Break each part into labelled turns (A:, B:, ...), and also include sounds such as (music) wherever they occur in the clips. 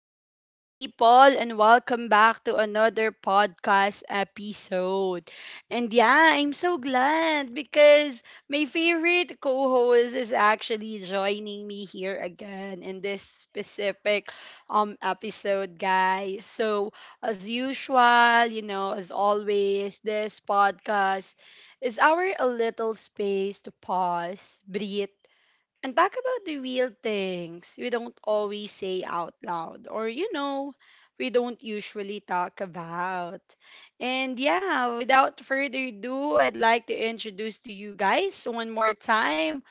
A: beautiful people, and welcome back to another podcast episode. And yeah, I'm so glad because my favorite co host is actually joining me here again in this specific episode, guys. So, as usual, you know, as always, this podcast is our a little space to pause, breathe and talk about the real things we don't always say out loud or we don't usually talk about. And yeah, without further ado, I'd like to introduce to you guys one more time,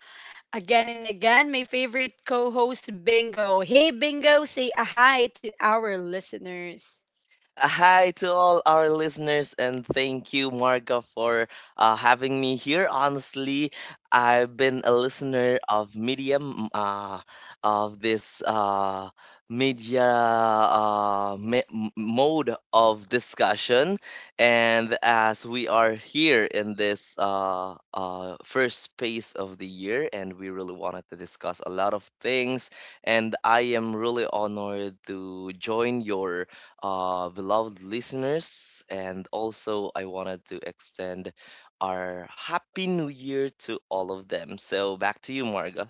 A: again and again, my favorite co host, Bingo. Hey, Bingo, say a hi to our listeners.
B: Hi to all our listeners, and thank you, Marga, for having me here. Honestly, I've been a listener of Medium, of this media mode of discussion. And as we are here in this first space of the year, and we really wanted to discuss a lot of things, and I am really honored to join your beloved listeners. And also, I wanted to extend our Happy New Year to all of them. So, back to you, Marga.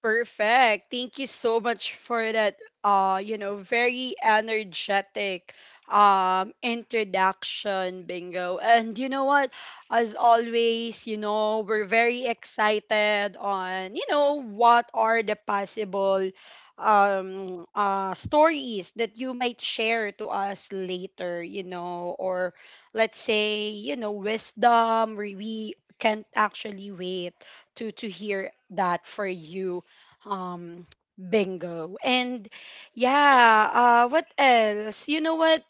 A: Perfect. Thank you so much for that very energetic introduction Bingo. And you know what? As always, we're very excited on what are the possible stories that you might share to us later or let's say wisdom we can't actually wait to hear that for you. Um, Bingo. And yeah, what else? You know what?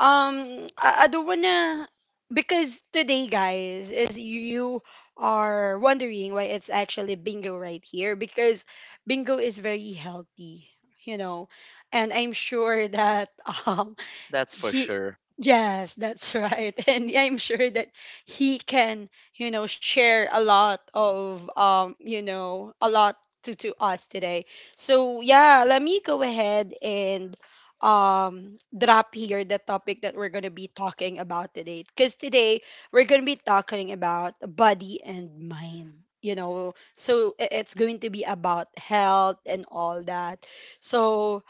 A: I don't wanna because today, guys, is you are wondering why it's actually Bingo right here because Bingo is very healthy, you know, and I'm sure that (laughs) um
B: That's for
A: he
B: sure.
A: yes that's right (laughs) and yeah, I'm sure that he can share a lot of a lot to us today. So yeah, let me go ahead and drop here the topic that we're going to be talking about today, because today we're going to be talking about body and mind. It's going to be about health and all that. So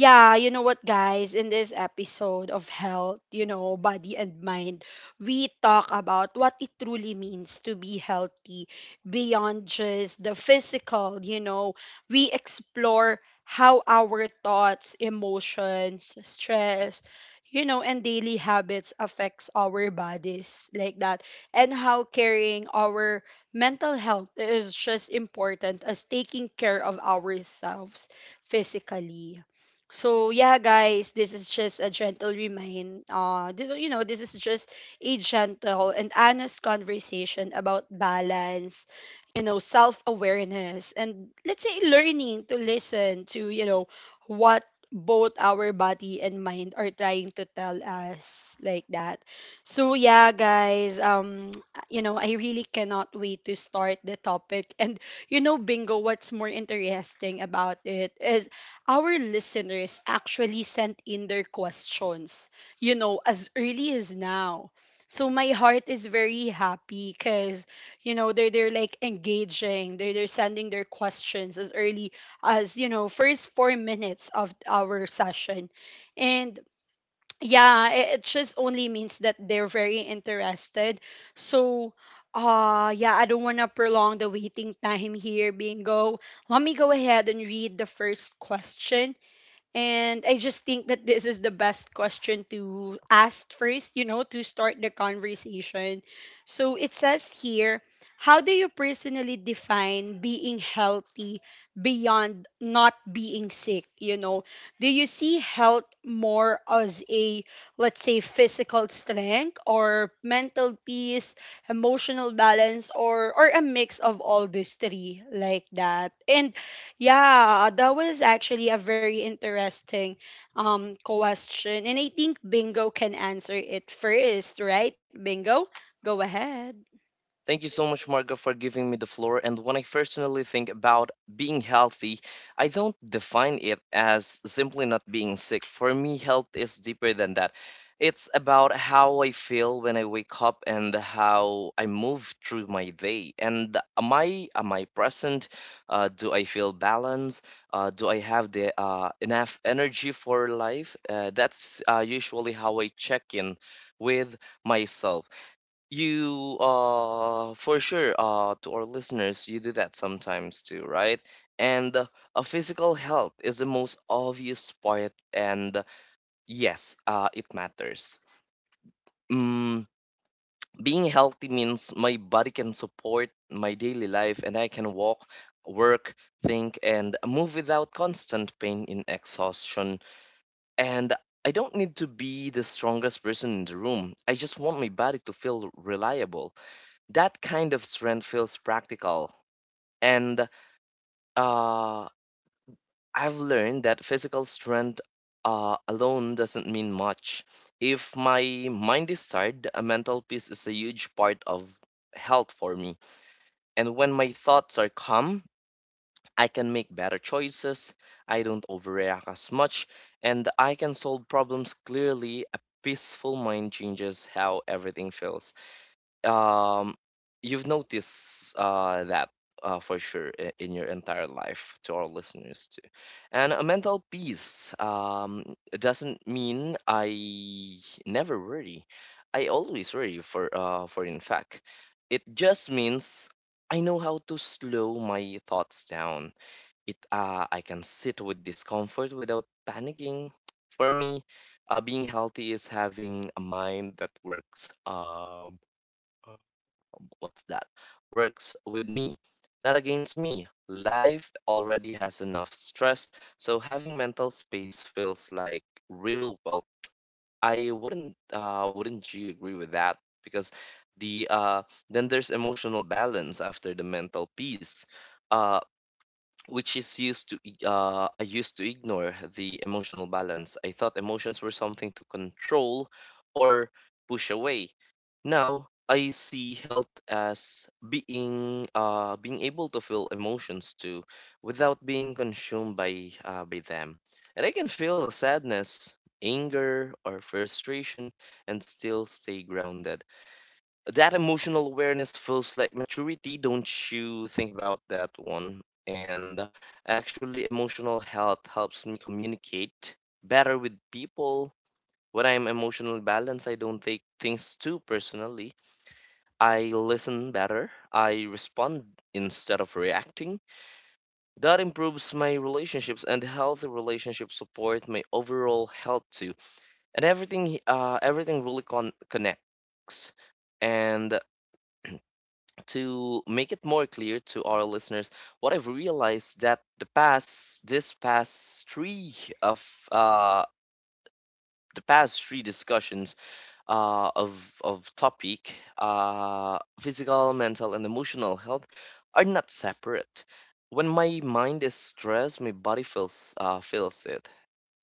A: yeah, you know what, guys? In this episode of health, body and mind, we talk about what it truly means to be healthy beyond just the physical. We explore how our thoughts, emotions, stress, and daily habits affects our bodies like that, and how carrying our mental health is just important as taking care of ourselves physically. So yeah, guys, this is just a gentle remind. This is just a gentle and honest conversation about balance, self awareness, and let's say learning to listen to what both our body and mind are trying to tell us like that. So yeah, guys, (tsk) I really cannot wait to start the topic (laughs) and Bingo, what's more interesting about it is our listeners actually sent in their questions as early as now. So my heart is very happy because they're like engaging, they're sending their questions as early as first 4 minutes of our session, and yeah, it just only means that they're very interested. So yeah, I don't want to prolong the waiting time here, Bingo. Let me go ahead and read the first question, and I just think that this is the best question to ask first, you know, to start the conversation. So it says here, how do you personally define being healthy beyond not being sick? Do you see health more as a, let's say, physical strength or mental peace, emotional balance, or a mix of all these three like that? And yeah, that was actually a very interesting question, and I think Bingo can answer it first, right? Bingo, go ahead.
B: Thank you so much, Marga, for giving me the floor. And when I personally think about being healthy, I don't define it as simply not being sick. For me, health is deeper than that. It's about how I feel when I wake up and how I move through my day. And am I present? Do I feel balanced? Do I have the enough energy for life? That's usually how I check in with myself. You for sure to our listeners, you do that sometimes too, right? And a physical health is the most obvious part, and yes, it matters. Mm, being healthy means my body can support my daily life, and I can walk, work, think and move without constant pain in exhaustion, and I don't need to be the strongest person in the room. I just want my body to feel reliable. That kind of strength feels practical. And uh, I've learned that physical strength alone doesn't mean much. If my mind is tired, a mental peace is a huge part of health for me. And when my thoughts are calm, I can make better choices, I don't overreact as much, and I can solve problems clearly. A peaceful mind changes how everything feels. um you've noticed that for sure, in your entire life, to our listeners too. And a mental peace doesn't mean I never worry. I always worry, for in fact, it just means I know how to slow my thoughts down. It I can sit with discomfort without panicking. For me, being healthy is having a mind that works. What's that? Works with me, not against me. Life already has enough stress, so having mental space feels like real wealth. I wouldn't Wouldn't you agree with that? Because the uh, then there's emotional balance after the mental peace. Uh, which is used to ig- I used to ignore the emotional balance. I thought emotions were something to control or push away. Now I see health as being able to feel emotions too, without being consumed by them. And I can feel sadness, anger, or frustration, and still stay grounded. That emotional awareness feels like maturity. Don't you think about that one? And actually, emotional health helps me communicate better with people. When I'm emotionally balanced, I don't take things too personally. I listen better. I respond instead of reacting. That improves my relationships, and healthy relationships support my overall health too. And everything really connects. And to make it more clear to our listeners, what I've realized, that of uh the past three discussions uh of of topic, physical, mental, and emotional health are not separate. When my mind is stressed, my body feels it.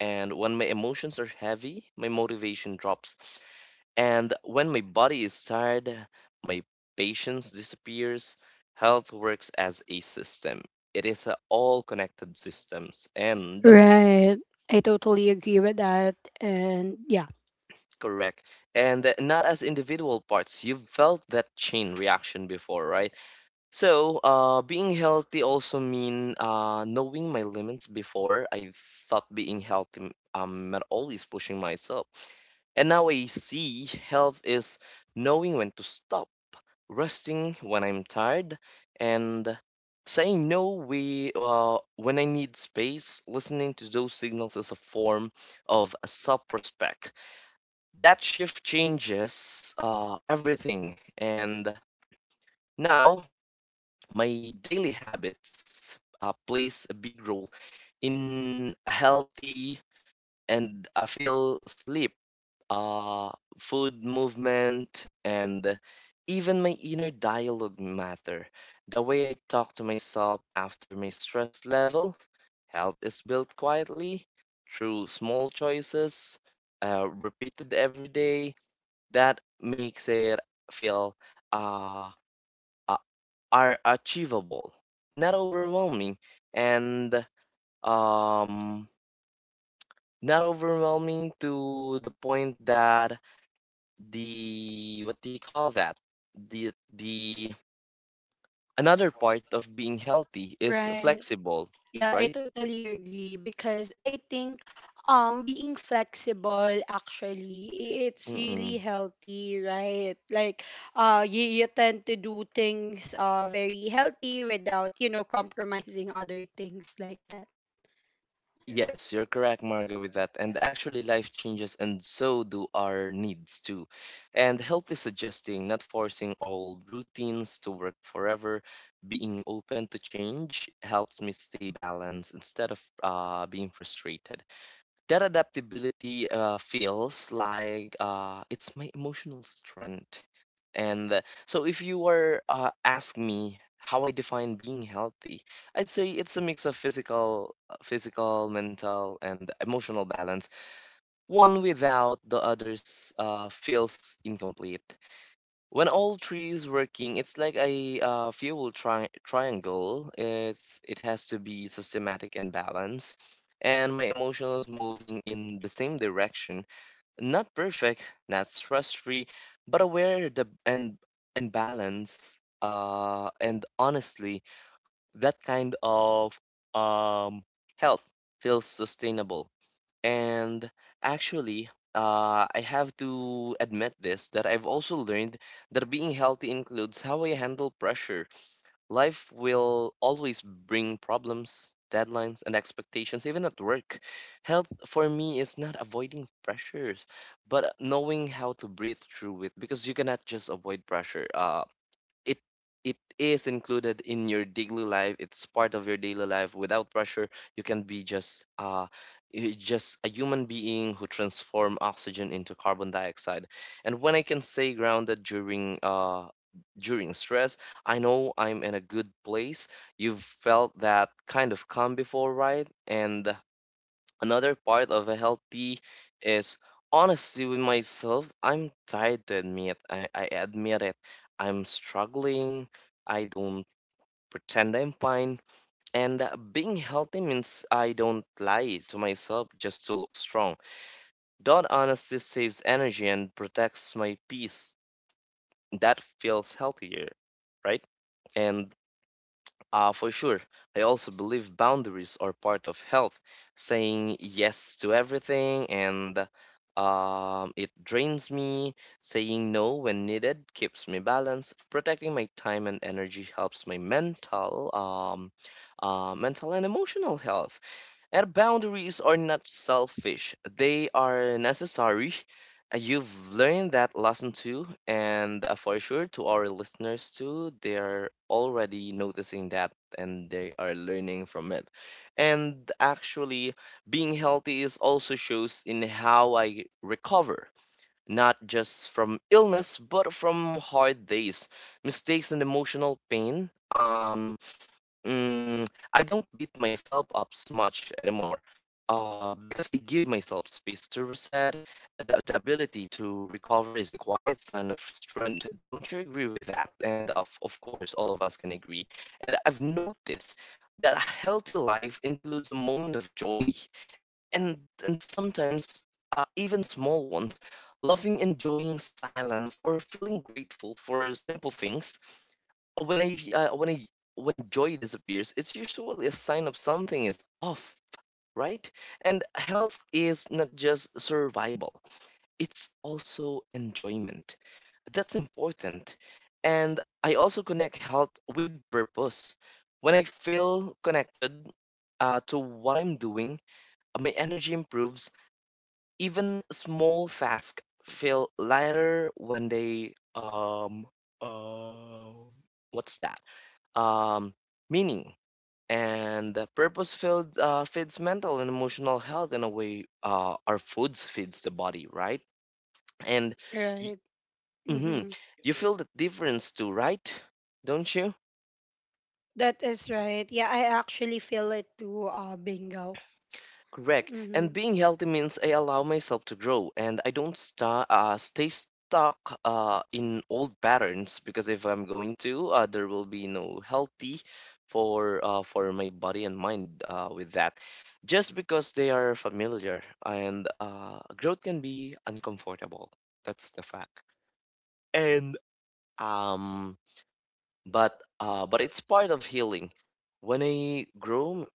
B: And when my emotions are heavy, my motivation drops. And when my body is tired, my patience disappears. Health works as a system. It is a all connected systems, and
A: Right. I totally agree with that. And yeah.
B: correct, and not as individual parts. You've felt that chain reaction before, right? So, being healthy also mean knowing my limits. Before I thought being healthy meant always pushing myself, and now I see health is knowing when to stop, resting when I'm tired, and saying no when I need space. Listening to those signals is a form of self respect. That shift changes everything. And now, my daily habits plays a big role in healthy, and I feel sleep, uh, food, movement, and even my inner dialogue matter. The way I talk to myself after my stress level, health is built quietly through small choices, repeated every day. That makes it feel uh, uh, are achievable, not overwhelming, and um, not overwhelming to the point that the what do you call that the another part of being healthy is
A: Right.
B: flexible,
A: Yeah, I
B: right.
A: totally agree because I think being flexible actually it's really
B: Mm-mm.
A: healthy, right? Like you tend to do things very healthy without, compromising other things like that.
B: Yes, you're correct, Margo, with that. And actually, life changes, and so do our needs too, and healthy suggesting not forcing old routines to work forever. Being open to change helps me stay balanced instead of being frustrated. That adaptability feels like it's my emotional strength. And so, if you were ask me how I define being healthy, I'd say it's a mix of physical, mental, and emotional balance. One without the others feels incomplete. When all three is working, it's like a fuel triangle. It has to be systematic and balanced, and my emotions moving in the same direction. Not perfect, not stress-free, but aware, the and balance. And honestly, that kind of um health feels sustainable. And actually, I have to admit this, that I've also learned that being healthy includes how I handle pressure. Life will always bring problems, deadlines, and expectations, even at work. Health for me is not avoiding pressures, but knowing how to breathe through it, because you cannot just avoid pressure. It it is included in your daily life. It's part of your daily life. Without pressure, you can be just just a human being who transform oxygen into carbon dioxide. And when I can stay grounded during during stress, I know I'm in a good place. You've felt that kind of calm before, right? And another part of a healthy is honesty with myself. I'm tired to admit. I admit it. I'm struggling. I don't pretend I'm fine. And being healthy means I don't lie to myself just to look strong. That honesty saves energy and protects my peace. That feels healthier, right? And for sure. I also believe boundaries are part of health. Saying yes to everything and it drains me. Saying no when needed keeps me balanced. Protecting my time and energy helps my mental and emotional health. And boundaries are not selfish, they are necessary. You've learned that lesson too, and for sure to our listeners too, they're already noticing that, and they are learning from it. And actually, being healthy is also shows in how I recover, not just from illness, but from hard days, mistakes, and emotional pain. I don't beat myself up s much anymore, because I give myself space to reset. The ability to recover is a quiet sign of strength. Don't you agree with that? And of course, all of us can agree. And I've noticed that a healthy life includes a moment of joy, and and sometimes even small ones. Loving, enjoying silence, or feeling grateful for simple things. When I uh, when I when joy disappears, it's usually a sign of something is off, right? And health is not just survival; it's also enjoyment. That's important. And I also connect health with purpose. When I feel connected to what I'm doing, my energy improves. Even small tasks feel lighter when they uh, what's that? Um, meaning, and the purpose filled feeds mental and emotional health in a way our foods feeds the body, right? And y-
A: Right.
B: mhm,
A: Mm-hmm.
B: you feel the difference too, right? Don't you?
A: That is right. Yeah, I actually feel it too, Bingo.
B: Correct.
A: Mm-hmm.
B: And being healthy means I allow myself to grow, and I don't stay stuck in old patterns, because if I'm going to, there will be no healthy for my body and mind with that. Just because they are familiar, and growth can be uncomfortable. That's the fact. And um, but it's part of healing. When I grow,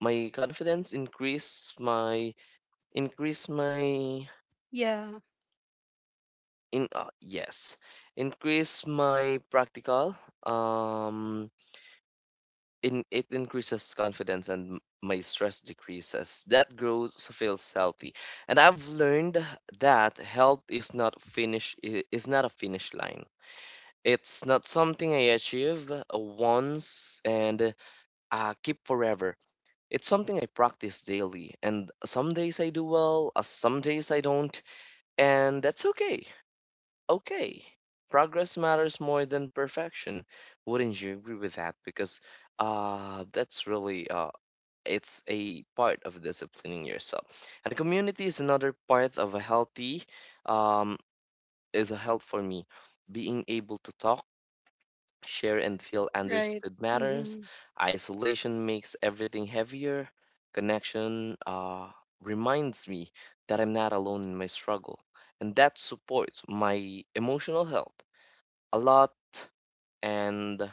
B: my confidence increase my
A: Yeah,
B: in yes increase my practical um in it increases confidence, and my stress decreases. That growth feels healthy. And I've learned that health is not is not a finish line. It's not something I achieve once and keep forever. It's something I practice daily, and some days I do well, some days I don't, and that's okay. Okay. Progress matters more than perfection. Wouldn't you agree with that? Because that's really it's a part of disciplining yourself. And community is another part of a healthy um, is a health for me. Being able to talk, share, and feel
A: right.
B: understood matters.
A: Mm-hmm.
B: Isolation makes everything heavier. Connection reminds me that I'm not alone in my struggle, and that supports my emotional health a lot, and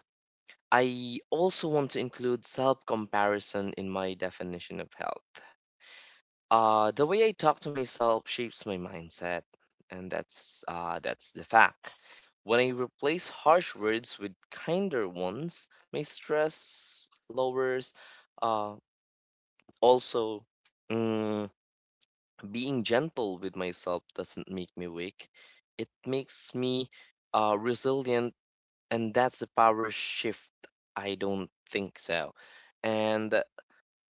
B: I also want to include self comparison in my definition of health. The way I talk to myself shapes my mindset, and that's the fact. When I replace harsh words with kinder ones, my stress lowers. Uh, Also, mm, being gentle with myself doesn't make me weak. It makes me resilient, and that's the power shift. I don't think so. And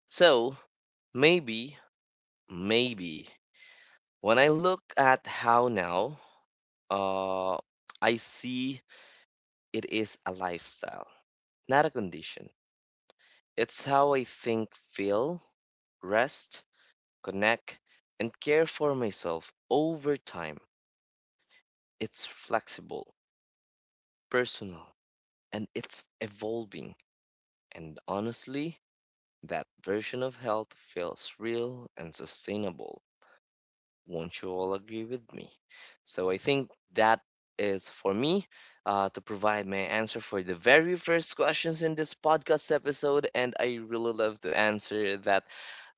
B: so, maybe maybe when I look at how now, uh I see it is a lifestyle, not a condition. It's how I think, feel, rest, connect, and care for myself over time. It's flexible, personal, and it's evolving. And honestly, that version of health feels real and sustainable. Won't you all agree with me? So I think that is for me, to provide my answer for the very first questions in this podcast episode, and I really love to answer that,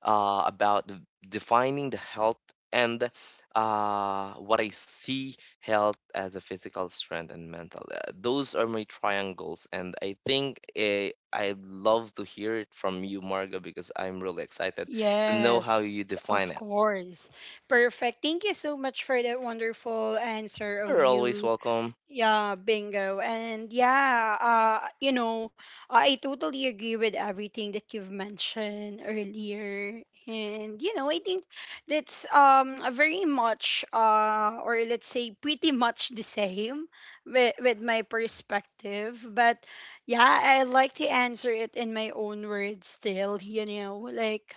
B: uh, about the- defining the health, and what I see health as, a physical strength and mental. Those are my triangles, and I think, I love to hear it from you, Marga, because I'm really excited to know how you
A: Yes,
B: define
A: of
B: it.
A: course. Perfect. Thank you so much for that wonderful answer of
B: You're always
A: you,
B: welcome.
A: yeah, Bingo. And yeah, I totally agree with everything that you've mentioned earlier. And I think that's a very much or let's say pretty much the same with my perspective. But yeah, I like to answer it in my own words still, like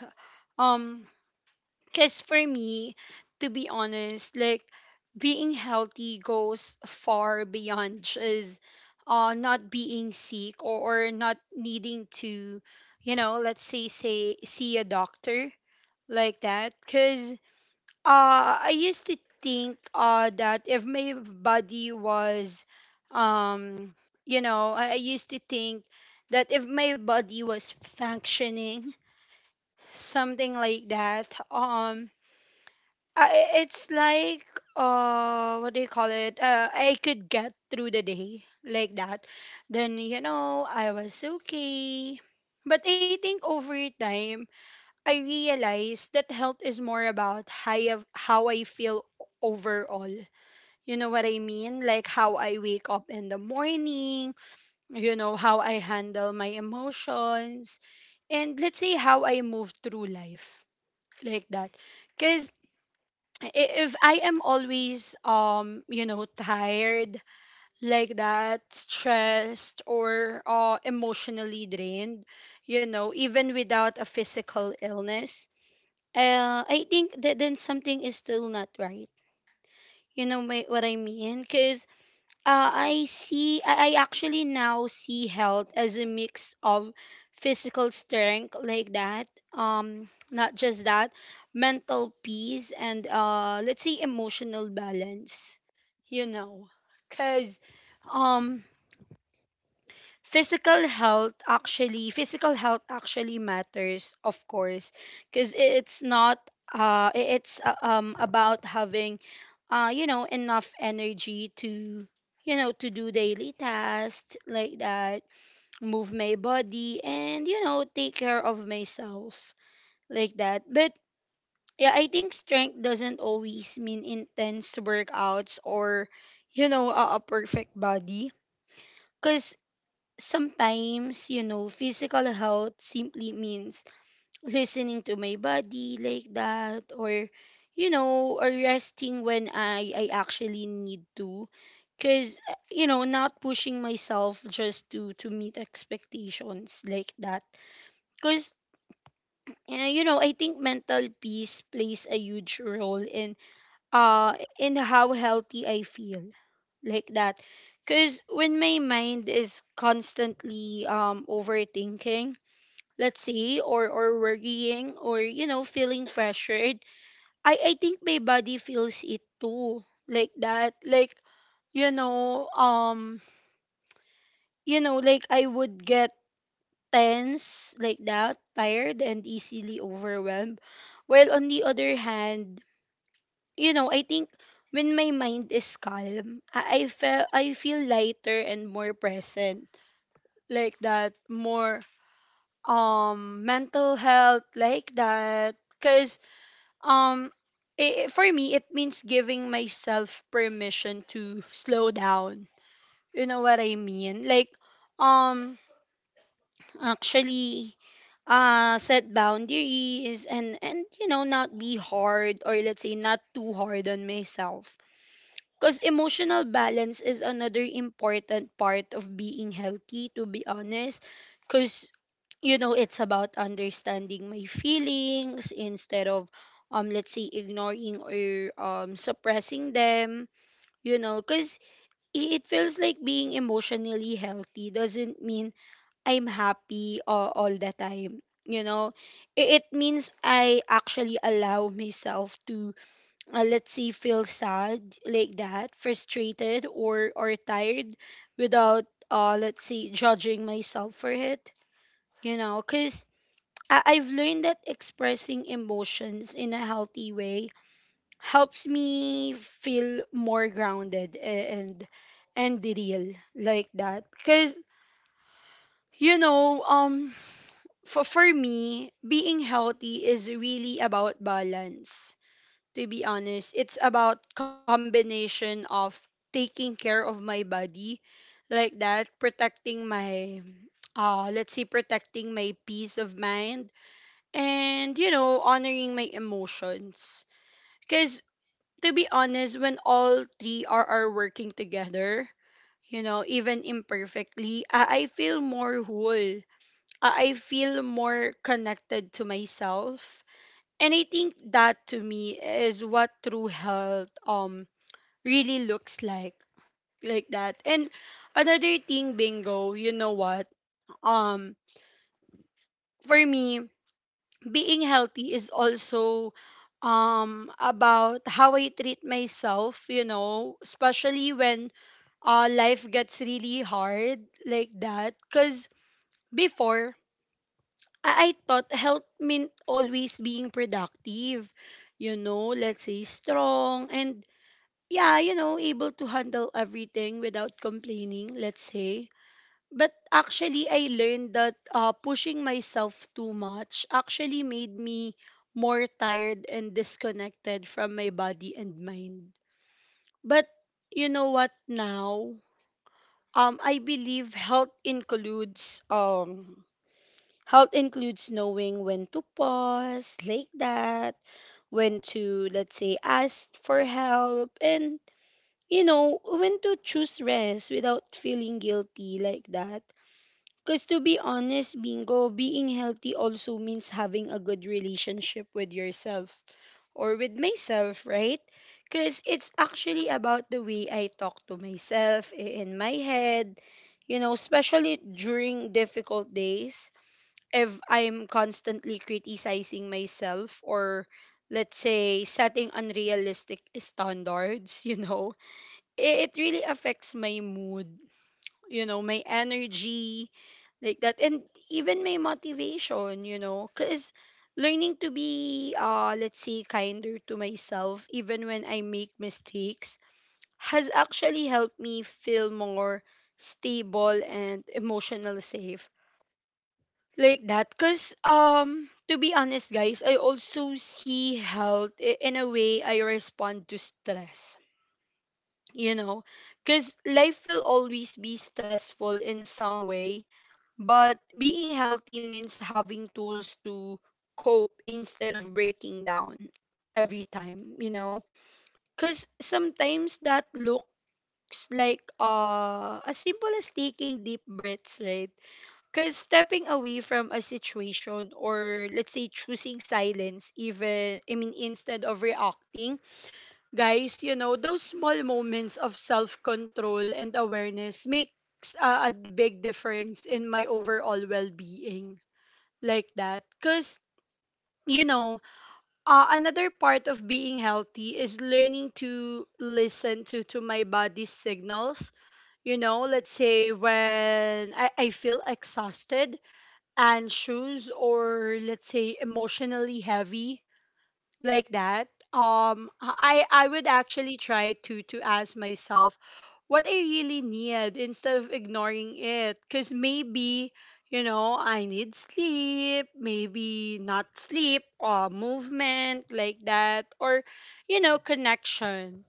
A: um because for me, to be honest, like being healthy goes far beyond just not being sick or, not needing to, let's say, see a doctor like that. Because I used to think that if my body was, um, I used to think that if my body was functioning, something like that, it's like what do you call it, I could get through the day like that, then I was okay. But I think over time I realized that health is more about how how I feel overall, you know what I mean? Like how I wake up in the morning, you know how I handle my emotions, and let's say how I move through life like that. Because if I am always tired like that, stressed or emotionally drained, even without a physical illness, I think that then something is still not right, you know what I mean? Because. I actually now see health as a mix of physical strength like that. Not just that, mental peace and let's say emotional balance, you know, because physical health actually matters, of course, because it's not it's about having enough energy to do daily tasks like that, move my body, and take care of myself like that. But yeah, I think strength doesn't always mean intense workouts or a perfect body, because sometimes physical health simply means listening to my body like that, or or resting when I actually need to, because not pushing myself just to meet expectations like that, because I think mental peace plays a huge role in in how healthy I feel like that. Because when my mind is constantly overthinking, let's say, or worrying, or feeling pressured, I think my body feels it too like that, like you know um like I would get tense like that, tired and easily overwhelmed, while on the other hand, I think when my mind is calm, I feel I feel lighter and more present. Like that, more mental health like that. Cause um for me it means giving myself permission to slow down. You know what I mean? Like um actually set boundaries, and not be hard, or let's say not too hard on myself. Because emotional balance is another important part of being healthy, to be honest. Because, it's about understanding my feelings instead of, let's say, ignoring or suppressing them. Because it feels like being emotionally healthy doesn't mean I'm happy all the time. You know, it means I actually allow myself to let's say feel sad like that, frustrated or tired, without let's say judging myself for it, because I've learned that expressing emotions in a healthy way helps me feel more grounded and real like that. Because you know um for me being healthy is really about balance, to be honest. It's about combination of taking care of my body like that, protecting my let's say protecting my peace of mind, and honoring my emotions. Cuz to be honest, when all three are working together, even imperfectly, I feel more whole. I feel more connected to myself, and I think that to me is what true health really looks like that. And another thing, Bingo, you know what? Um for me, being healthy is also about how I treat myself, especially when life gets really hard like that. Because before, I thought health meant always being productive, let's say strong, and yeah, able to handle everything without complaining, let's say. But actually, I learned that pushing myself too much actually made me more tired and disconnected from my body and mind. But you know what now? I believe health includes knowing when to pause like that, when to, let's say, ask for help, and when to choose rest without feeling guilty like that. Because to be honest, Bingo, being healthy also means having a good relationship with yourself, or with myself, right? Because it's actually about the way I talk to myself in my head, especially during difficult days. If I'm constantly criticizing myself or, let's say, setting unrealistic standards, (laughs) you know, it really affects my mood, you know, my energy, like that, and even my motivation, you know, because learning to be, let's say, kinder to myself, even when I make mistakes, has actually helped me feel more stable and emotional safe. Like that, because to be honest, guys, I also see health in a way I respond to stress, you know, because life will always be stressful in some way, but being healthy means having tools to cope instead of breaking down every time, you know, because sometimes that looks like as simple as taking deep breaths, right? Because stepping away from a situation or, let's say, choosing silence, even I mean instead of reacting. Guys, you know, those small moments of self control and awareness makes a big difference in my overall well being, like that. Because, you know, another part of being healthy is learning to listen to my body's signals. You know, let's say when I feel exhausted, anxious, or, let's say, emotionally heavy, like that, I would actually try to ask myself what I really need instead of ignoring it, because maybe, you know, I need sleep, maybe not sleep, or movement, like that, or, you know, connection,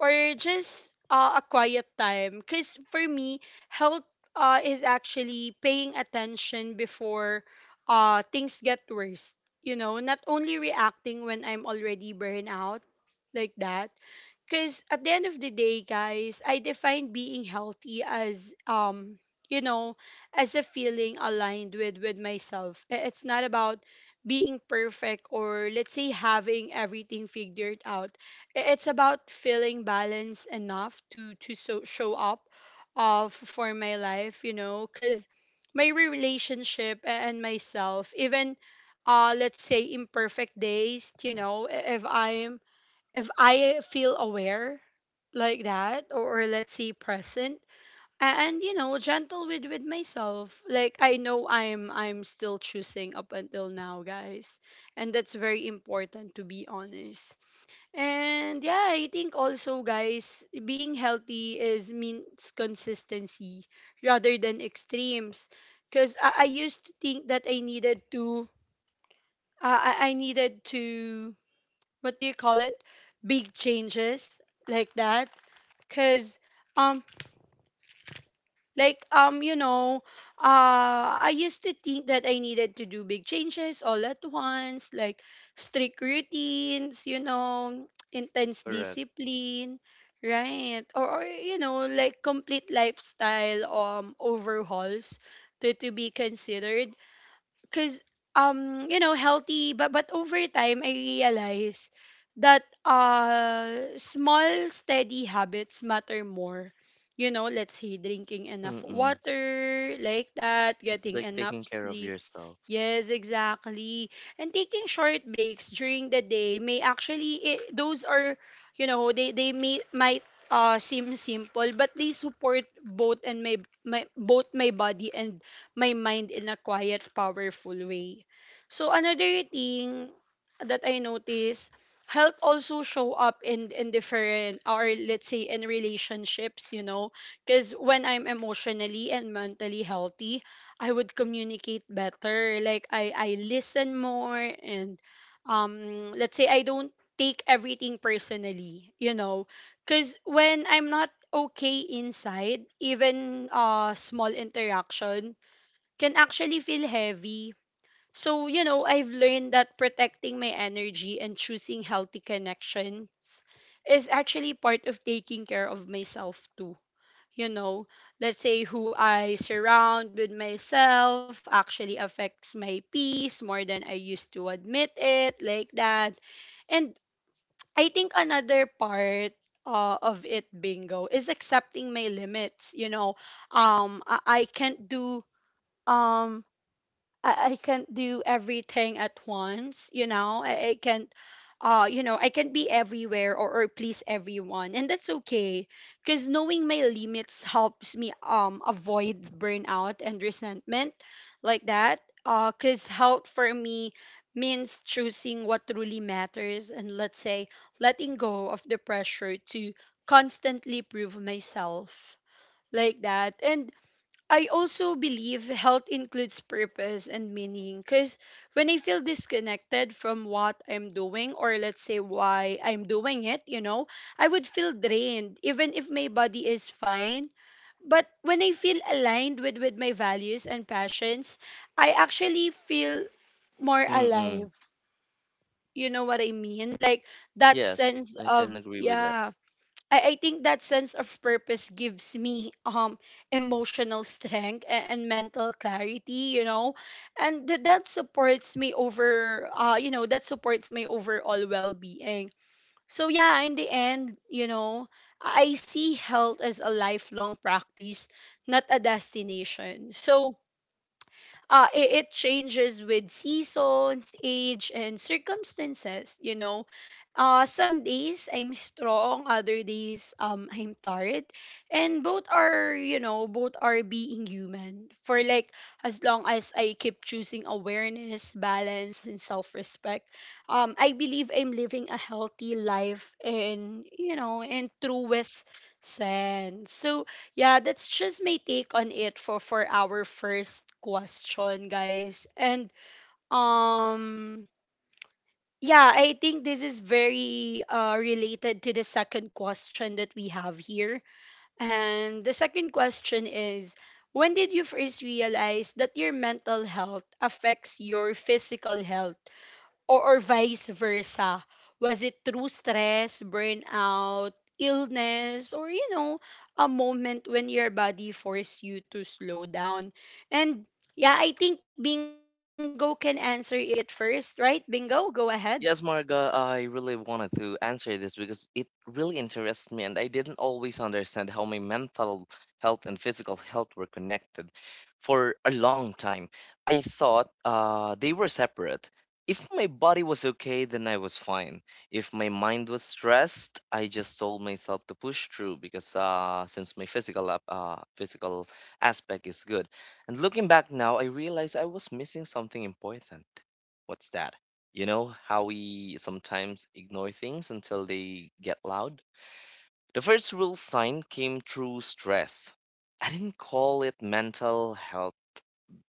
A: or just a quiet time. Because for me, health is actually paying attention before things get worse, you know, not only reacting when I'm already burned out, like that. Because at the end of the day, guys, I define being healthy as you know, as a feeling aligned with myself. It's not about being perfect or, let's say, having everything figured out. It's about feeling balanced enough to show up for my life, you know, because my relationship and myself, even, let's say, imperfect days, you know, if I'm, if I feel aware, like that, or, let's say, present, and, you know, gentle with myself, like I know I'm still choosing up until now, guys, and that's very important to be honest. And yeah, I think also, guys, being healthy is means consistency rather than extremes. Because I used to think that I needed to, I needed to, what do you call it? Big changes like that. Because um, you know, I used to think that I needed to do big changes all at once, like strict routines, you know, intense
B: Correct.
A: discipline, right? Or, you know, like complete lifestyle overhauls to be considered because you know, healthy. But over time I realize that small steady habits matter more, you know, let's say drinking enough
B: Mm-mm.
A: water, like that,
B: It's
A: getting
B: like
A: enough
B: taking care of
A: sleep.
B: yourself.
A: Yes, exactly. And taking short breaks during the day may actually, those are, you know, they may might seem simple, but they support both my body and my mind in a quiet, powerful way. So another thing that I notice, health also show up in different, or, let's say, in relationships, you know, because when I'm emotionally and mentally healthy, I would communicate better. Like I listen more and, let's say, I don't take everything personally, you know, cuz when I'm not okay inside, even small interaction can actually feel heavy. So, you know, I've learned that protecting my energy and choosing healthy connections is actually part of taking care of myself too, you know, let's say who I surround with myself actually affects my peace more than I used to admit it, like that. And I think another part of it, bingo, is accepting my limits. You know, um, I, I can't do um I can't do everything at once, you know. I can't you know, I can't be everywhere, or please everyone. And that's okay. Cause knowing my limits helps me avoid burnout and resentment, like that. Cause health for me means choosing what truly matters and, let's say, letting go of the pressure to constantly prove myself, like that. And I also believe health includes purpose and meaning, because when I feel disconnected from what I'm doing, or, let's say, why I'm doing it, you know, I would feel drained even if my body is fine. But when I feel aligned with my values and passions, I actually feel more
B: Mm-mm.
A: alive. You know what I mean? Like that
B: Yes,
A: sense
B: I can
A: of,
B: agree with that.
A: yeah, I think that sense of purpose gives me emotional strength and mental clarity, you know, and th- that supports me over you know, that supports my overall well-being. So yeah, in the end, you know, I see health as a lifelong practice, not a destination. So it changes with seasons, age, and circumstances. You know, some days I'm strong, other days I'm tired, and both are being human. For like as long as I keep choosing awareness, balance, and self-respect, I believe I'm living a healthy life, and, you know, in truest sense. So yeah, that's just my take on it for our first question, guys. And um yeah, I think this is very related to the second question that we have here. And the second question is, when did you first realize that your mental health affects your physical health? Or vice versa? Was it through stress, burnout, illness, or, you know, a moment when your body forced you to slow down? And yeah, I think Bingo can answer it first, right? Bingo, go ahead.
B: Yes, Marga, I really wanted to answer this because it really interests me, and I didn't always understand how my mental health and physical health were connected for a long time. I thought they were separate. If my body was okay, then I was fine. If my mind was stressed, I just told myself to push through, because since my physical aspect is good. And looking back now, I realize I was missing something important. What's that? You know how we sometimes ignore things until they get loud? The first real sign came through stress. I didn't call it mental health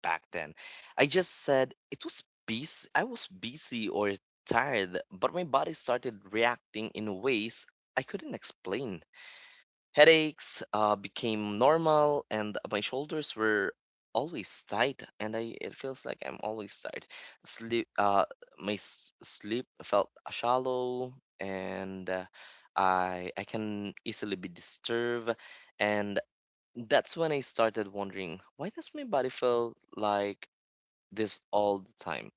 B: back then. I just said it was busy. I was busy or tired, but my body started reacting in ways I couldn't explain. Headaches became normal, and my shoulders were always tight, and I, it feels like I'm always tired. Sleep, sleep felt shallow, and I can easily be disturbed, and that's when I started wondering, why does my body feel like this all the time?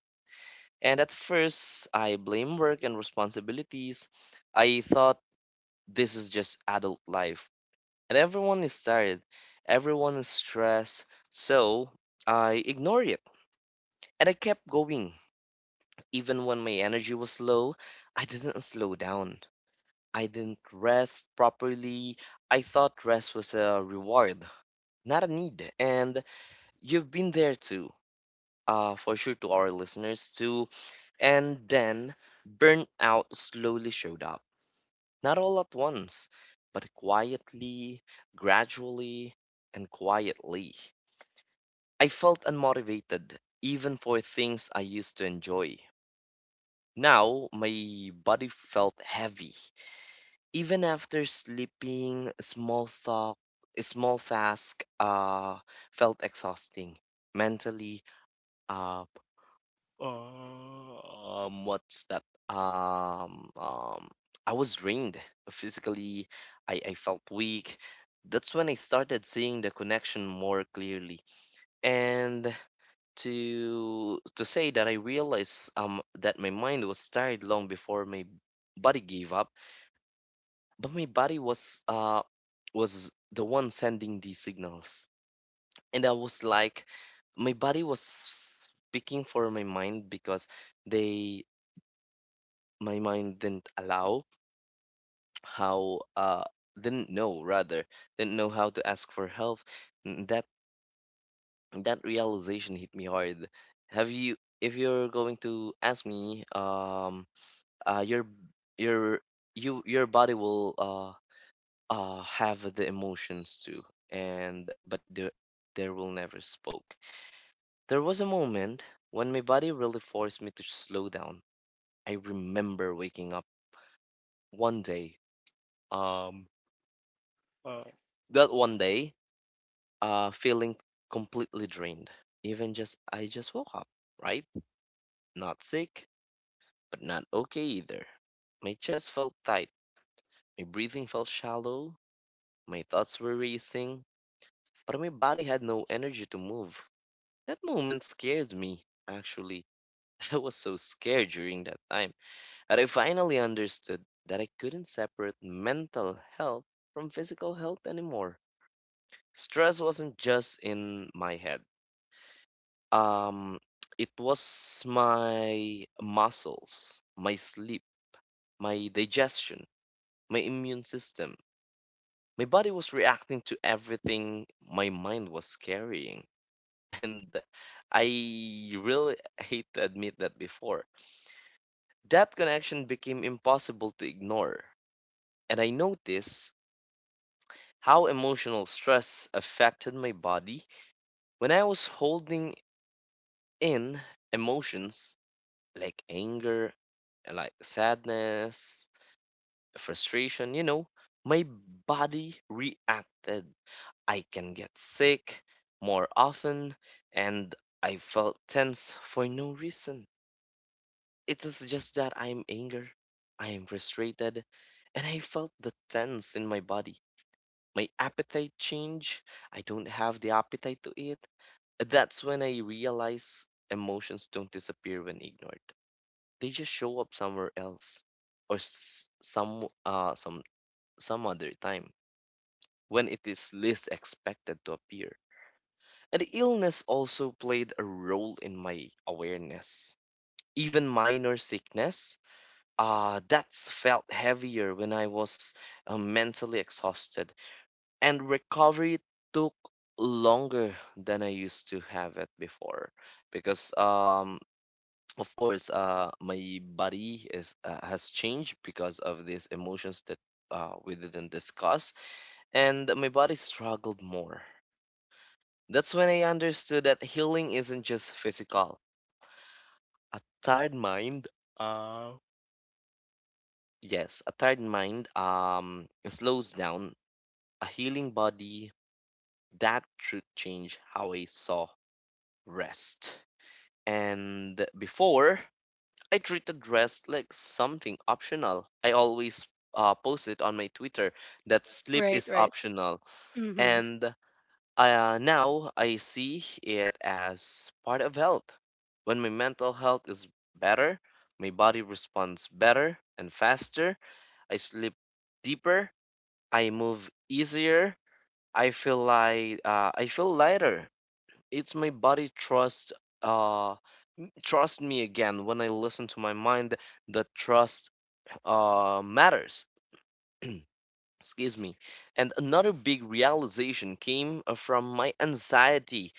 B: And at first, I blame work and responsibilities. I thought this is just adult life, and everyone is tired, everyone is stressed, so I ignored it. And I kept going. Even when my energy was low, I didn't slow down. I didn't rest properly. I thought rest was a reward, not a need. And you've been there too, for sure, to our listeners too. And then burnout slowly showed up. Not all at once, but quietly, gradually, and quietly. I felt unmotivated, even for things I used to enjoy. Now, my body felt heavy. Even after sleeping, small talk, small task felt exhausting. Mentally, uh, what's that? Um, um, I was drained. Physically, I felt weak. That's when I started seeing the connection more clearly. And to say that I realized that my mind was tired long before my body gave up, but my body was the one sending these signals. And I was like, my body was speaking for my mind because they my mind didn't allow how didn't know rather didn't know how to ask for help. N- That that realization hit me hard. Have you, if you're going to ask me, uh your your your body will have the emotions too, and but the there will never spoke. There was a moment when my body really forced me to slow down. I remember waking up one day, um Mm. that one day, feeling completely drained, even just, I just woke up, right? Not sick, but not okay either. My chest felt tight, my breathing felt shallow, my thoughts were racing, but my body had no energy to move. That moment scared me, actually. (laughs) I was so scared during that time. And I finally understood that I couldn't separate mental health from physical health anymore. Stress wasn't just in my head. Um, (tsk) it was my muscles, my sleep, my digestion, my immune system. My body was reacting to everything my mind was carrying. (laughs) And I really hate to admit that before. That connection became impossible to ignore, and I noticed how emotional stress affected my body. When I was holding in emotions like anger, like sadness, frustration, you know, my body reacted. I can get sick more often, and I felt tense for no reason. It is just that I am anger, I am frustrated, and I felt the tense in my body. My appetite change. I don't have the appetite to eat. That's when I realize emotions don't disappear when ignored. They just show up somewhere else, or some other time, when it is least expected to appear. And illness also played a role in my awareness. Even minor sickness that's felt heavier when I was mentally exhausted, and recovery took longer than I used to have it before, because of course my body is has changed because of these emotions that we didn't discuss, and my body struggled more. That's when I understood that healing isn't just physical. A tired mind, uh slows down a healing body. That should change how I saw rest. And before, I treated rest like something optional. I always post it on my Twitter that sleep is optional.
A: Mm-hmm.
B: And now I see it as part of health. When my mental health is better, my body responds better and faster. I sleep deeper. I move easier. I feel like, I feel lighter. It's my body trust, uh trust me again when I listen to my mind. The trust matters. Excuse me. And another big realization came from my anxiety.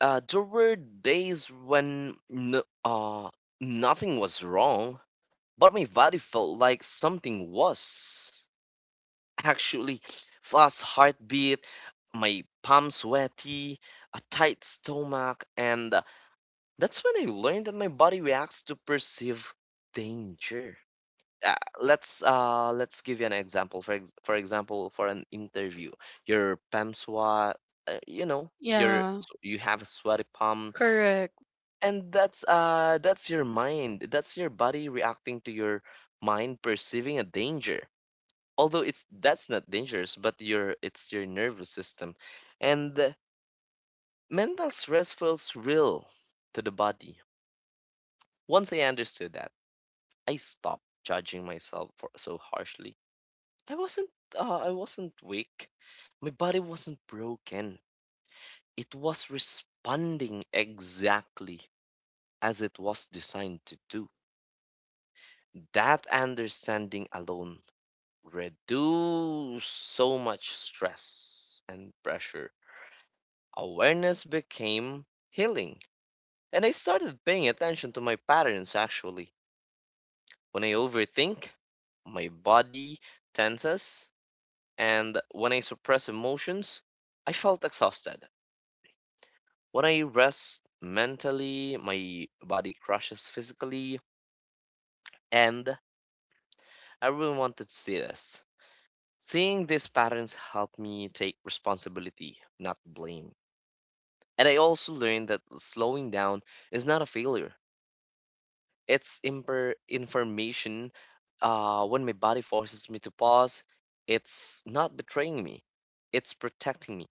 B: There were days when nothing was wrong, but my body felt like something was. Actually, fast heartbeat, my palms sweaty, a tight stomach, and that's when I learned that my body reacts to perceive danger. Uh, let's give you an example. For example, for an interview, your palm sweat, you know, your,
A: Yeah,
B: so you have a sweaty palm,
A: correct.
B: and that's your mind, that's your body reacting to your mind perceiving a danger, although it's, that's not dangerous, but your, it's your nervous system, and the mental stress feels real to the body. Once I understood that, I stopped judging myself for so harshly. I wasn't, I wasn't weak, my body wasn't broken. It was responding exactly as it was designed to do. That understanding alone reduced so much stress and pressure. Awareness became healing. And I started paying attention to my patterns actually. When I overthink, my body tenses, and when I suppress emotions, I felt exhausted. When I rest mentally, my body crashes physically, and I really wanted to see this. Seeing these patterns helped me take responsibility, not blame. And I also learned that slowing down is not a failure. It's imper information, when my body forces me to pause. It's not betraying me. It's protecting me.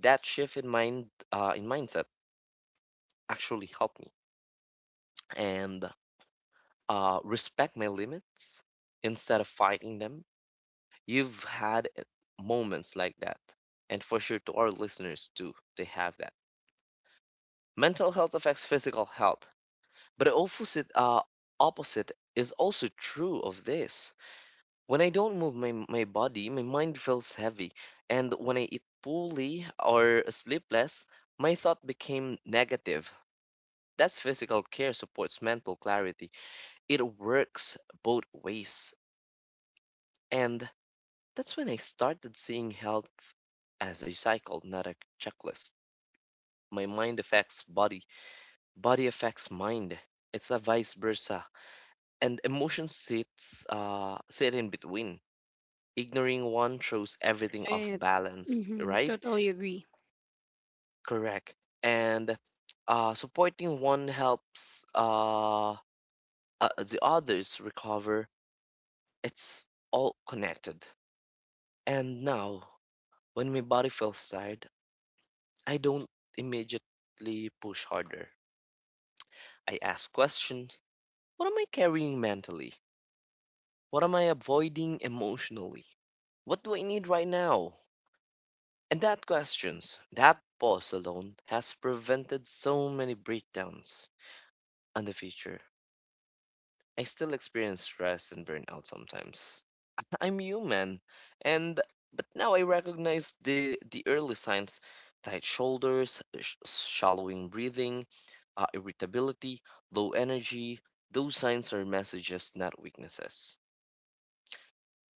B: That shift in mind, in mindset actually helped me, and respect my limits instead of fighting them. You've had moments like that, and for sure, to our listeners too, they have that. Mental health affects physical health, but the opposite, opposite is also true of this. When I don't move my my body, my mind feels heavy, and when I eat poorly or sleep less, my thought became negative. That's physical care supports mental clarity. It works both ways. And that's when I started seeing health as a cycle, not a checklist. My mind affects body, body affects mind. It's a vice versa, and emotion sits, sit in between. Ignoring one throws everything off balance,
A: Mm-hmm.
B: right?
A: Totally agree.
B: Correct. And supporting one helps, the others recover. It's all connected. And now, when my body feels tired, I don't immediately push harder. I ask questions. What am I carrying mentally? What am I avoiding emotionally? What do I need right now? And that questions, that pause alone has prevented so many breakdowns in the future. I still experience stress and burnout sometimes. (laughs) I'm human, and but now I recognize the early signs: tight shoulders, shallowing breathing, irritability, low energy. Those signs are messages, not weaknesses.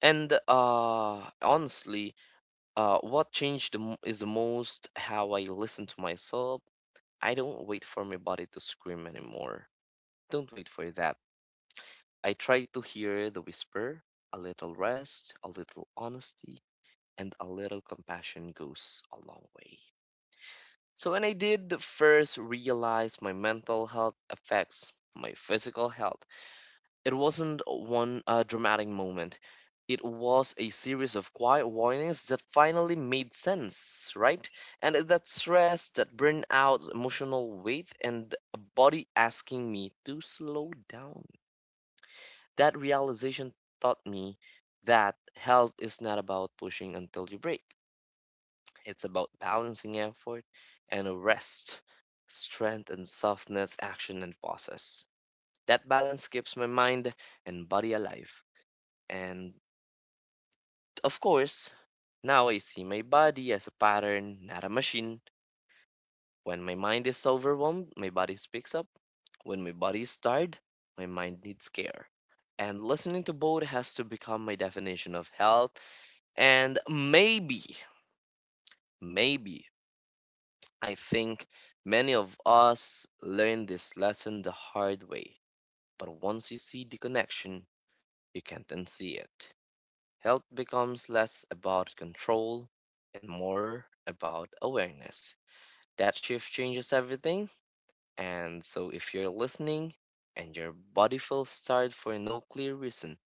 B: And honestly, what changed is the most how I listen to myself. I don't wait for my body to scream anymore. Don't wait for that. I try to hear the whisper. A little rest, a little honesty, and a little compassion goes a long way. So, when I did first realize my mental health affects my physical health, it wasn't one dramatic moment. It was a series of quiet warnings that finally made sense, right? And that stress, that burnout, emotional weight, and a body asking me to slow down. That realization taught me that health is not about pushing until you break. It's about balancing effort and rest, strength and softness, action and pauses. That balance keeps my mind and body alive. And of course, now I see my body as a pattern, not a machine. When my mind is overwhelmed, my body speaks up. When my body is tired, my mind needs care. And listening to both has to become my definition of health. And maybe, I think many of us learn this lesson the hard way. But once you see the connection, you can't unsee it. Health becomes less about control and more about awareness. That shift changes everything. And so, if you're listening and your body feels tired for no clear reason,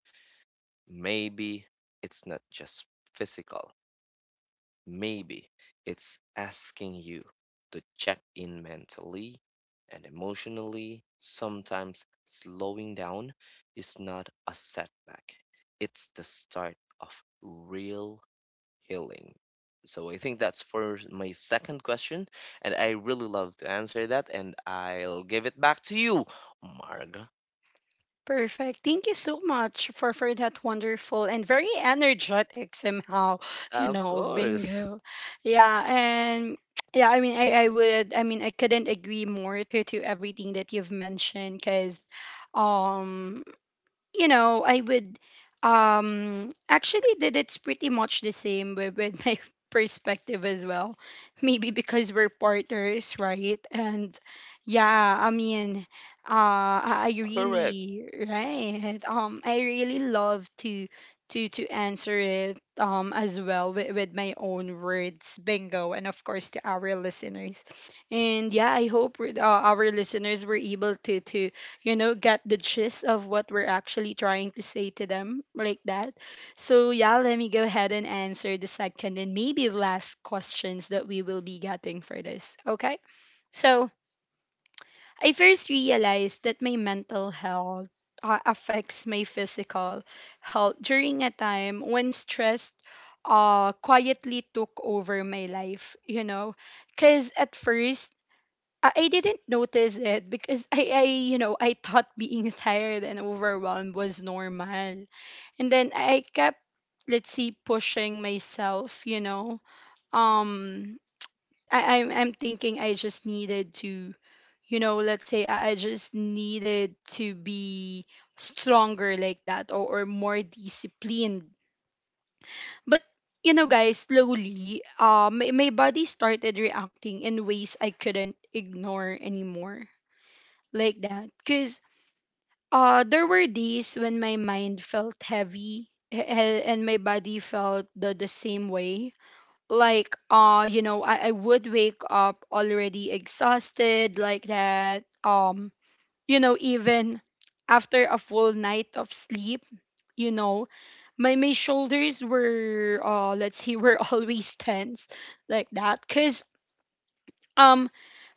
B: maybe it's not just physical. Maybe it's asking you to check in mentally and emotionally. Sometimes slowing down is not a setback, it's the start of real healing. So I think that's for my second question, and I really love to answer that, and I'll give it back to you, Marga.
A: Perfect. Thank you so much for that wonderful and very energetic somehow, (laughs) you
B: Of
A: know,
B: course,
A: bingo. Yeah, and yeah, I mean I couldn't agree more to everything that you've mentioned, because um you know, I would actually, that it's pretty much the same with my (laughs) perspective as well. Maybe because we're partners, right? And yeah, I mean, I
B: correct.
A: really right. I really love to answer it as well with my own words, bingo, and of course to our listeners. And yeah, I hope, our listeners were able to you know, get the gist of what we're actually trying to say to them, like that. So, yeah, let me go ahead and answer the second and maybe last questions that we will be getting for this, okay? So, I first realized that my mental health affects my physical health during a time when stress quietly took over my life, you know, because at first I didn't notice it because you know, I thought being (laughs) tired and overwhelmed was normal. And then I kept, let's see, pushing myself, you know. Um, I'm thinking I just needed to, you know, let's say I just needed to be stronger, like that, or more disciplined. But, you know, guys, slowly, my body started reacting in ways I couldn't ignore anymore, like that, because there were days when my mind felt heavy and my body felt the same way, like, you know, I would wake up already exhausted, like that. You know, even after a full night of sleep, you know, my shoulders were, let's see, were (laughs) always tense, like that, because um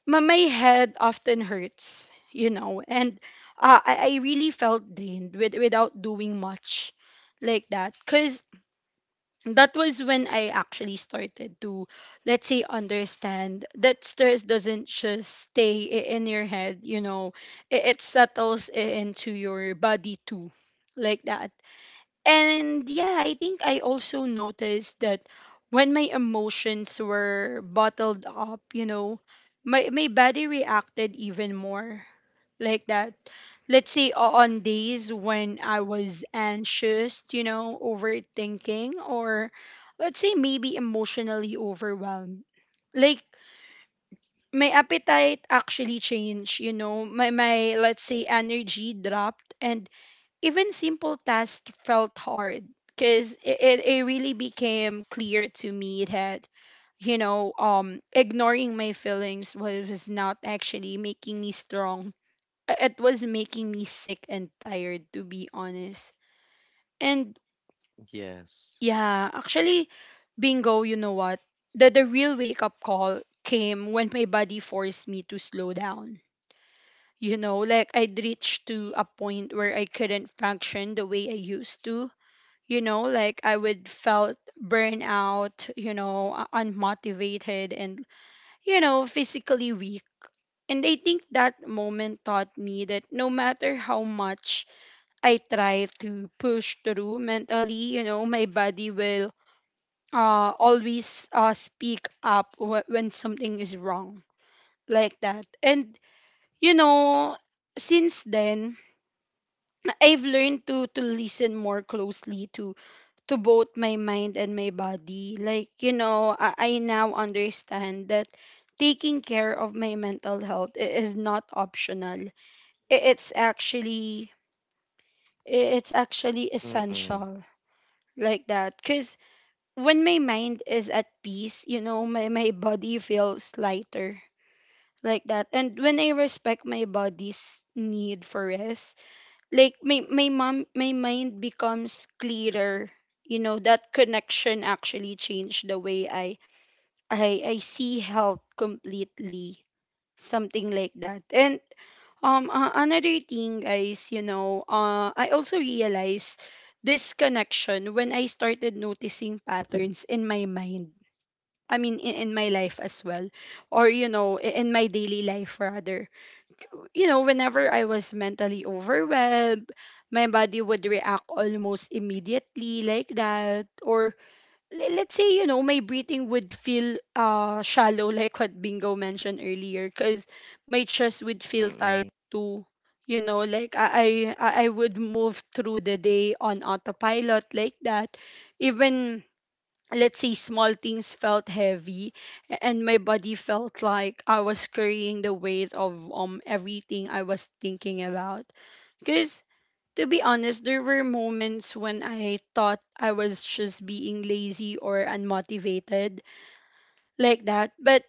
A: my, my head often hurts, you know, and I really felt drained with, without doing much, like that. Because that was when I actually started to, let's say, understand that stress doesn't just stay in your head, you know, it settles into your body too, like that. And yeah, I think I also noticed that when my emotions were bottled up, you know, my body reacted even more, like that. Let's say on days when I was anxious, you know, overthinking, or, let's say, maybe emotionally overwhelmed. Like my appetite actually changed, you know, my let's say energy dropped, and even simple tasks felt hard because it really became clear to me that ignoring my feelings was not actually making me strong. It was making me sick and tired, to be honest. And
B: Yes.
A: yeah, actually, Bingo, you know what, the real wake up call came when my body forced me to slow down. You know, like I'd reached to a point where I couldn't function the way I used to. You know, like I would felt burnout, you know, unmotivated, and, you know, physically weak. And I think that moment taught me that no matter how much I try to push through mentally, you know, my body will always speak up when something is wrong, like that. And, you know, since then I've learned to listen more closely to both my mind and my body. Like, you know, I now understand that taking care of my mental health is not optional. I- It's actually it's actually
B: Mm-mm,
A: essential, like that, cuz when my mind is at peace, you know, my body feels lighter, like that. And when I respect my body's need for rest, like my mind becomes clearer. You know, that connection actually changed the way I see health completely, something like that. And another thing, guys, you know, uh, I also realized this connection when I started noticing patterns in my mind. I mean, in my life as well, or, you know, in my daily life rather. You know, whenever I was mentally overwhelmed, my body would react almost immediately, like that. Or let's say, you know, my breathing would feel shallow, (laughs) like what Bingo mentioned earlier, because my chest would feel tight
B: mm-mm,
A: too. You know, like I would move through the day on autopilot, like that. Even, let's say, small things felt heavy, and my body felt like I was carrying the weight of everything I was thinking about, because, to be honest, there were moments when I thought I was just being lazy or unmotivated, like that. But,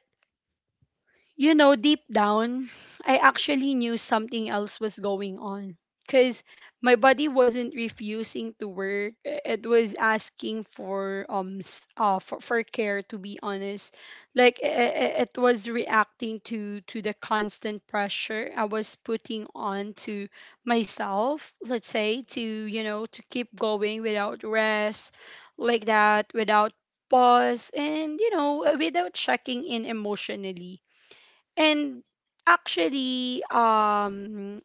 A: you know, deep down, I actually knew something else was going on. Because my body wasn't refusing to work. It was asking for for care, to be honest. Like it was reacting to the constant pressure I was putting on to myself, let's say, to, you know, to keep going without rest, like that, without pause, and, you know, without checking in emotionally. And actually,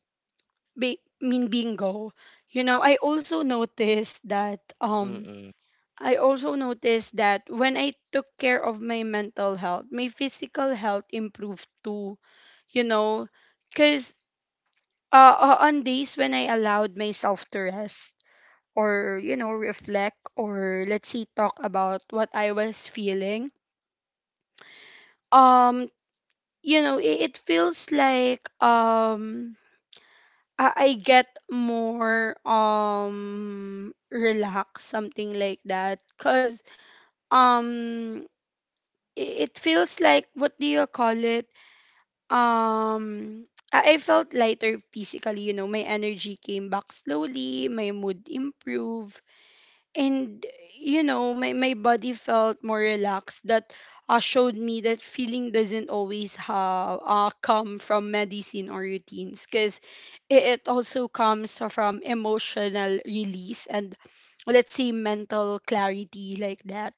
A: be, mean Bingo. You know, I also noticed that
B: mm-mm.
A: I also noticed that when I took care of my mental health, my physical health improved too. You know, because on days when I allowed myself to rest, or, you know, reflect, or let's see talk about what I was feeling, um, you know, it feels like I get more relaxed, something like that. Cause um i- it feels like, what do you call it? Um, I felt lighter physically. You know, my energy came back slowly, my mood improved, and, you know, my body felt more relaxed. That showed me that feeling doesn't always come from medicine or routines, because it also comes from emotional release and, let's say, mental clarity, like that.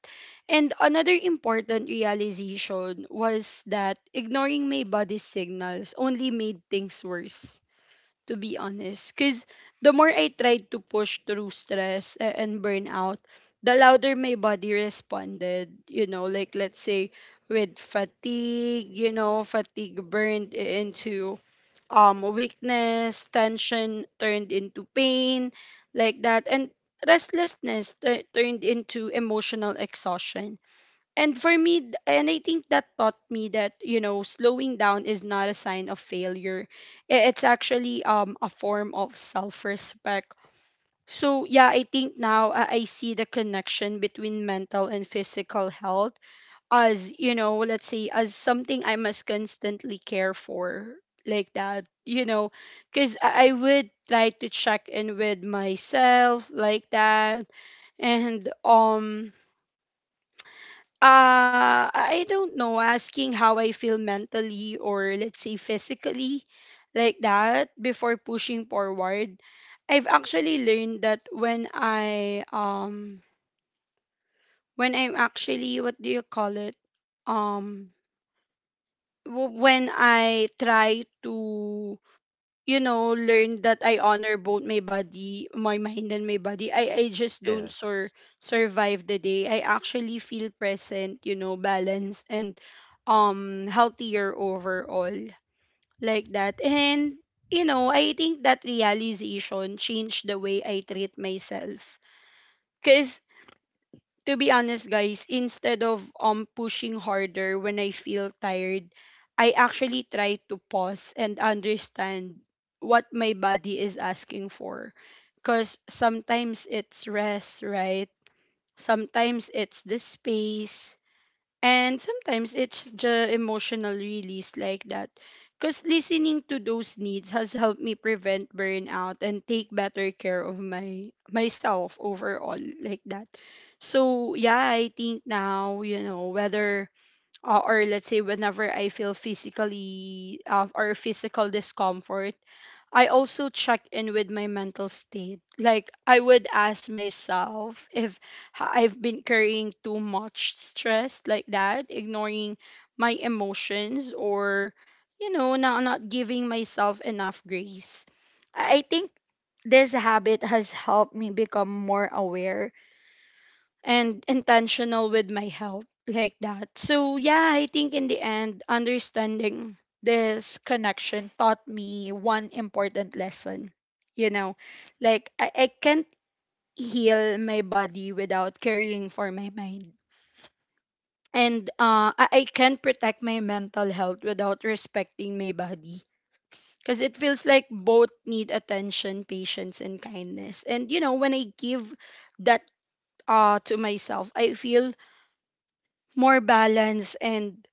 A: And another important realization was that ignoring my body's signals only made things worse, to be honest. Because the more I tried to push through stress and burnout, the louder my body responded. You know, like, let's say, with fatigue, you know, fatigue burned into weakness, tension turned into pain, like that, and restlessness turned into emotional exhaustion. And for me, and I think that taught me that, you know, slowing down is not a sign of failure. It's actually a form of self-respect. So yeah, I think now I see the connection between mental and physical health as, you know, let's say, as something I must constantly care for, like that. You know, because I would try to check in with myself, like that. And I don't know, asking how I feel mentally or, let's say, physically, like that, before pushing forward. I've actually learned that when I when I'm actually, what do you call it? Um, when I try to, you know, learned that I honor both my body, my mind and my body, I just don't
B: Yes,
A: survive the day. I actually feel present, you know, balanced and healthier overall, like that. And, you know, I think that realization changed the way I treat myself, to be honest, guys. Instead of pushing harder when I feel tired, I actually try to pause and understand what my body is asking for. Cause sometimes it's rest, right? Sometimes it's the space, and sometimes it's the emotional release, like that. Because listening to those needs has helped me prevent burnout and take better care of my myself overall, like that. So yeah, I think now, you know, whether or let's say, whenever I feel physically or physical discomfort, I also check in with my mental state. Like I would ask myself if I've been carrying too much stress, like that, ignoring my emotions, or, you know, not giving myself enough grace. I think this habit has helped me become more aware and intentional with my health, like that. So yeah, I think in the end, understanding this connection taught me one important lesson. You know, like I can't heal my body without caring for my mind. And I can't protect my mental health without respecting my body. Because it feels like both need attention, patience, and kindness. And, you know, when I give that to myself, I feel more balanced and,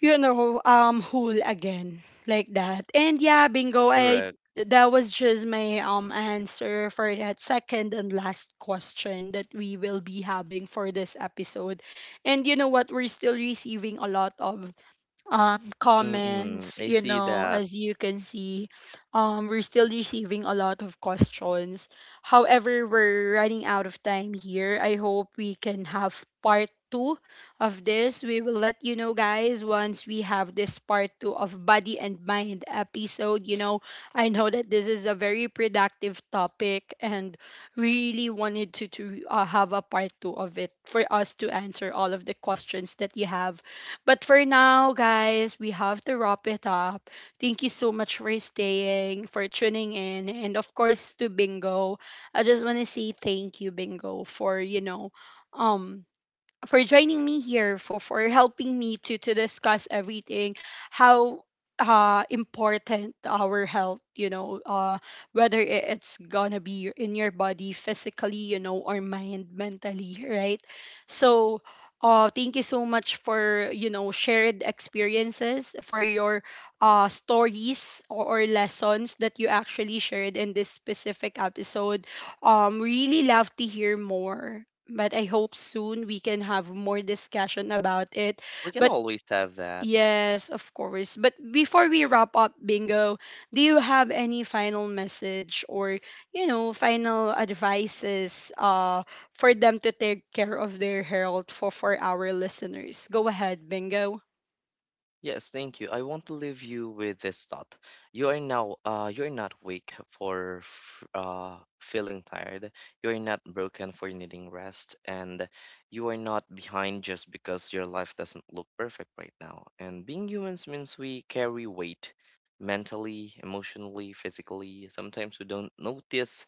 A: you know, whole again, like that. And yeah, Bingo, I
B: correct.
A: that was just my answer for that second and last question that we will be having for this episode. And you know what, we're still receiving a lot of um
B: Mm,
A: comments,
B: I
A: you
B: see
A: know,
B: that.
A: as you can see, we're still receiving a lot of questions. However, we're running out of time here. I hope we can have part two of this. We will let you know, guys, once we have this part two of Body and Mind episode. You know, I know that this is a very productive topic, and really wanted to, have a part two of it for us to answer all of the questions that you have, but for now, guys, we have to wrap it up. Thank you so much for staying, for tuning in, and of course to Bingo. I just want to say thank you, Bingo, for, you know, um, for joining me here, for helping me to discuss everything, how important our health, you know, uh, whether it's gonna be in your body physically, you know, or mind mentally, right? So thank you so much for, you know, shared experiences, for your stories, or, lessons that you actually shared in this specific episode. Um, really love to hear more, but I hope soon we can have more discussion about it.
B: We can
A: But
B: always have that.
A: yes, of course. But before we wrap up, Bingo, do you have any final message, or, you know, final advices for them to take care of their health, for our listeners? Go ahead, Bingo.
B: Yes, thank you. I want to leave you with this thought. You are now, you're not weak for feeling tired. You're not broken for needing rest, and you are not behind just because your life doesn't look perfect right now. And being humans means we carry weight mentally, emotionally, physically. Sometimes we don't notice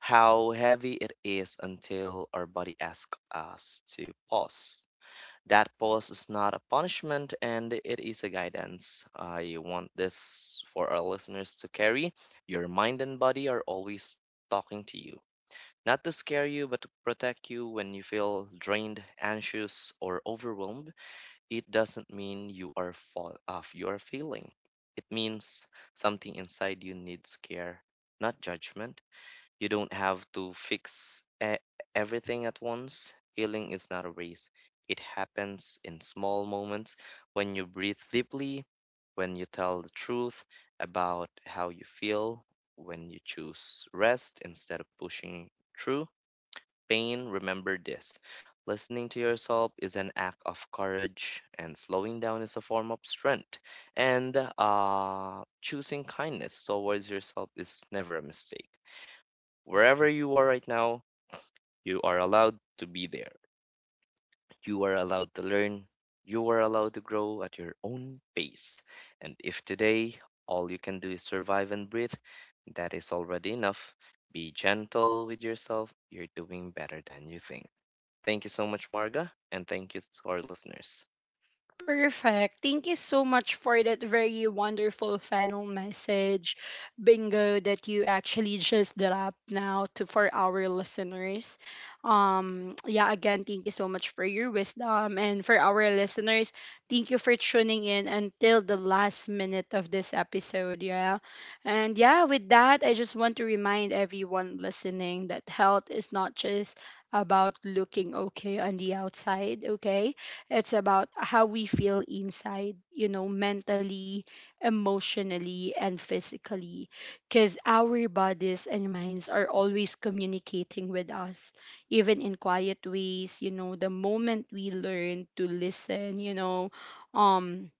B: how heavy it is until our body asks us to pause. That pause is not a punishment, and it is a guidance. I want this for our listeners to carry. Your mind and body are always talking to you, not to scare you, but to protect you when you feel drained, anxious, or overwhelmed. It doesn't mean you are fall off you are failing. It means something inside you needs care, not judgment. You don't have to fix everything at once. Healing is not a race, it happens in small moments, when you breathe deeply, when you tell the truth about how you feel, when you choose rest instead of pushing through pain. Remember this: listening to yourself is an act of courage, and slowing down is a form of strength. And choosing kindness towards yourself is never a mistake. Wherever you are right now, you are allowed to be there. You are allowed to learn. You are allowed to grow at your own pace. And if today all you can do is survive and breathe, that is already enough. Be gentle with yourself. You're doing better than you think. Thank you so much, Marga, and thank you to our listeners.
A: Perfect. Thank you so much for that very wonderful final message, Bingo, that you actually just dropped now to for our listeners. Yeah, again, thank you so much for your wisdom, and for our listeners, thank you for tuning in until the last minute of this episode. Yeah. And yeah, with that, I just want to remind everyone listening that health is not just about looking okay on the outside, okay? It's about how we feel inside, you know, mentally, emotionally, and physically. Because our bodies and minds are always communicating with us, even in quiet ways. You know, the moment we learn to listen, you know, um,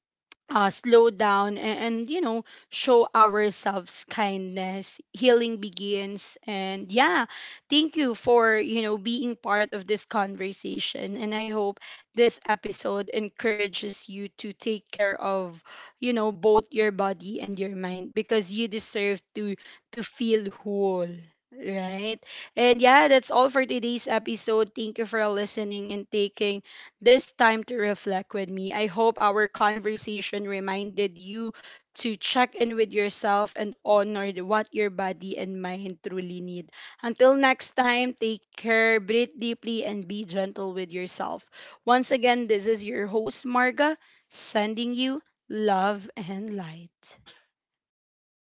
A: slow down, and, you know, show ourselves kindness, healing begins. And yeah, thank you for, you know, being part of this conversation, and I hope this episode encourages you to take care of, you know, both your body and your mind, because you deserve to feel whole, right? And yeah, that's all for today's episode. Thank you for listening and taking this time to reflect with me. I hope our conversation reminded you to check in with yourself and honor what your body and mind truly need. Until next time, take care, breathe deeply, and be gentle with yourself. Once again, this is your host, Marga, sending you love and light.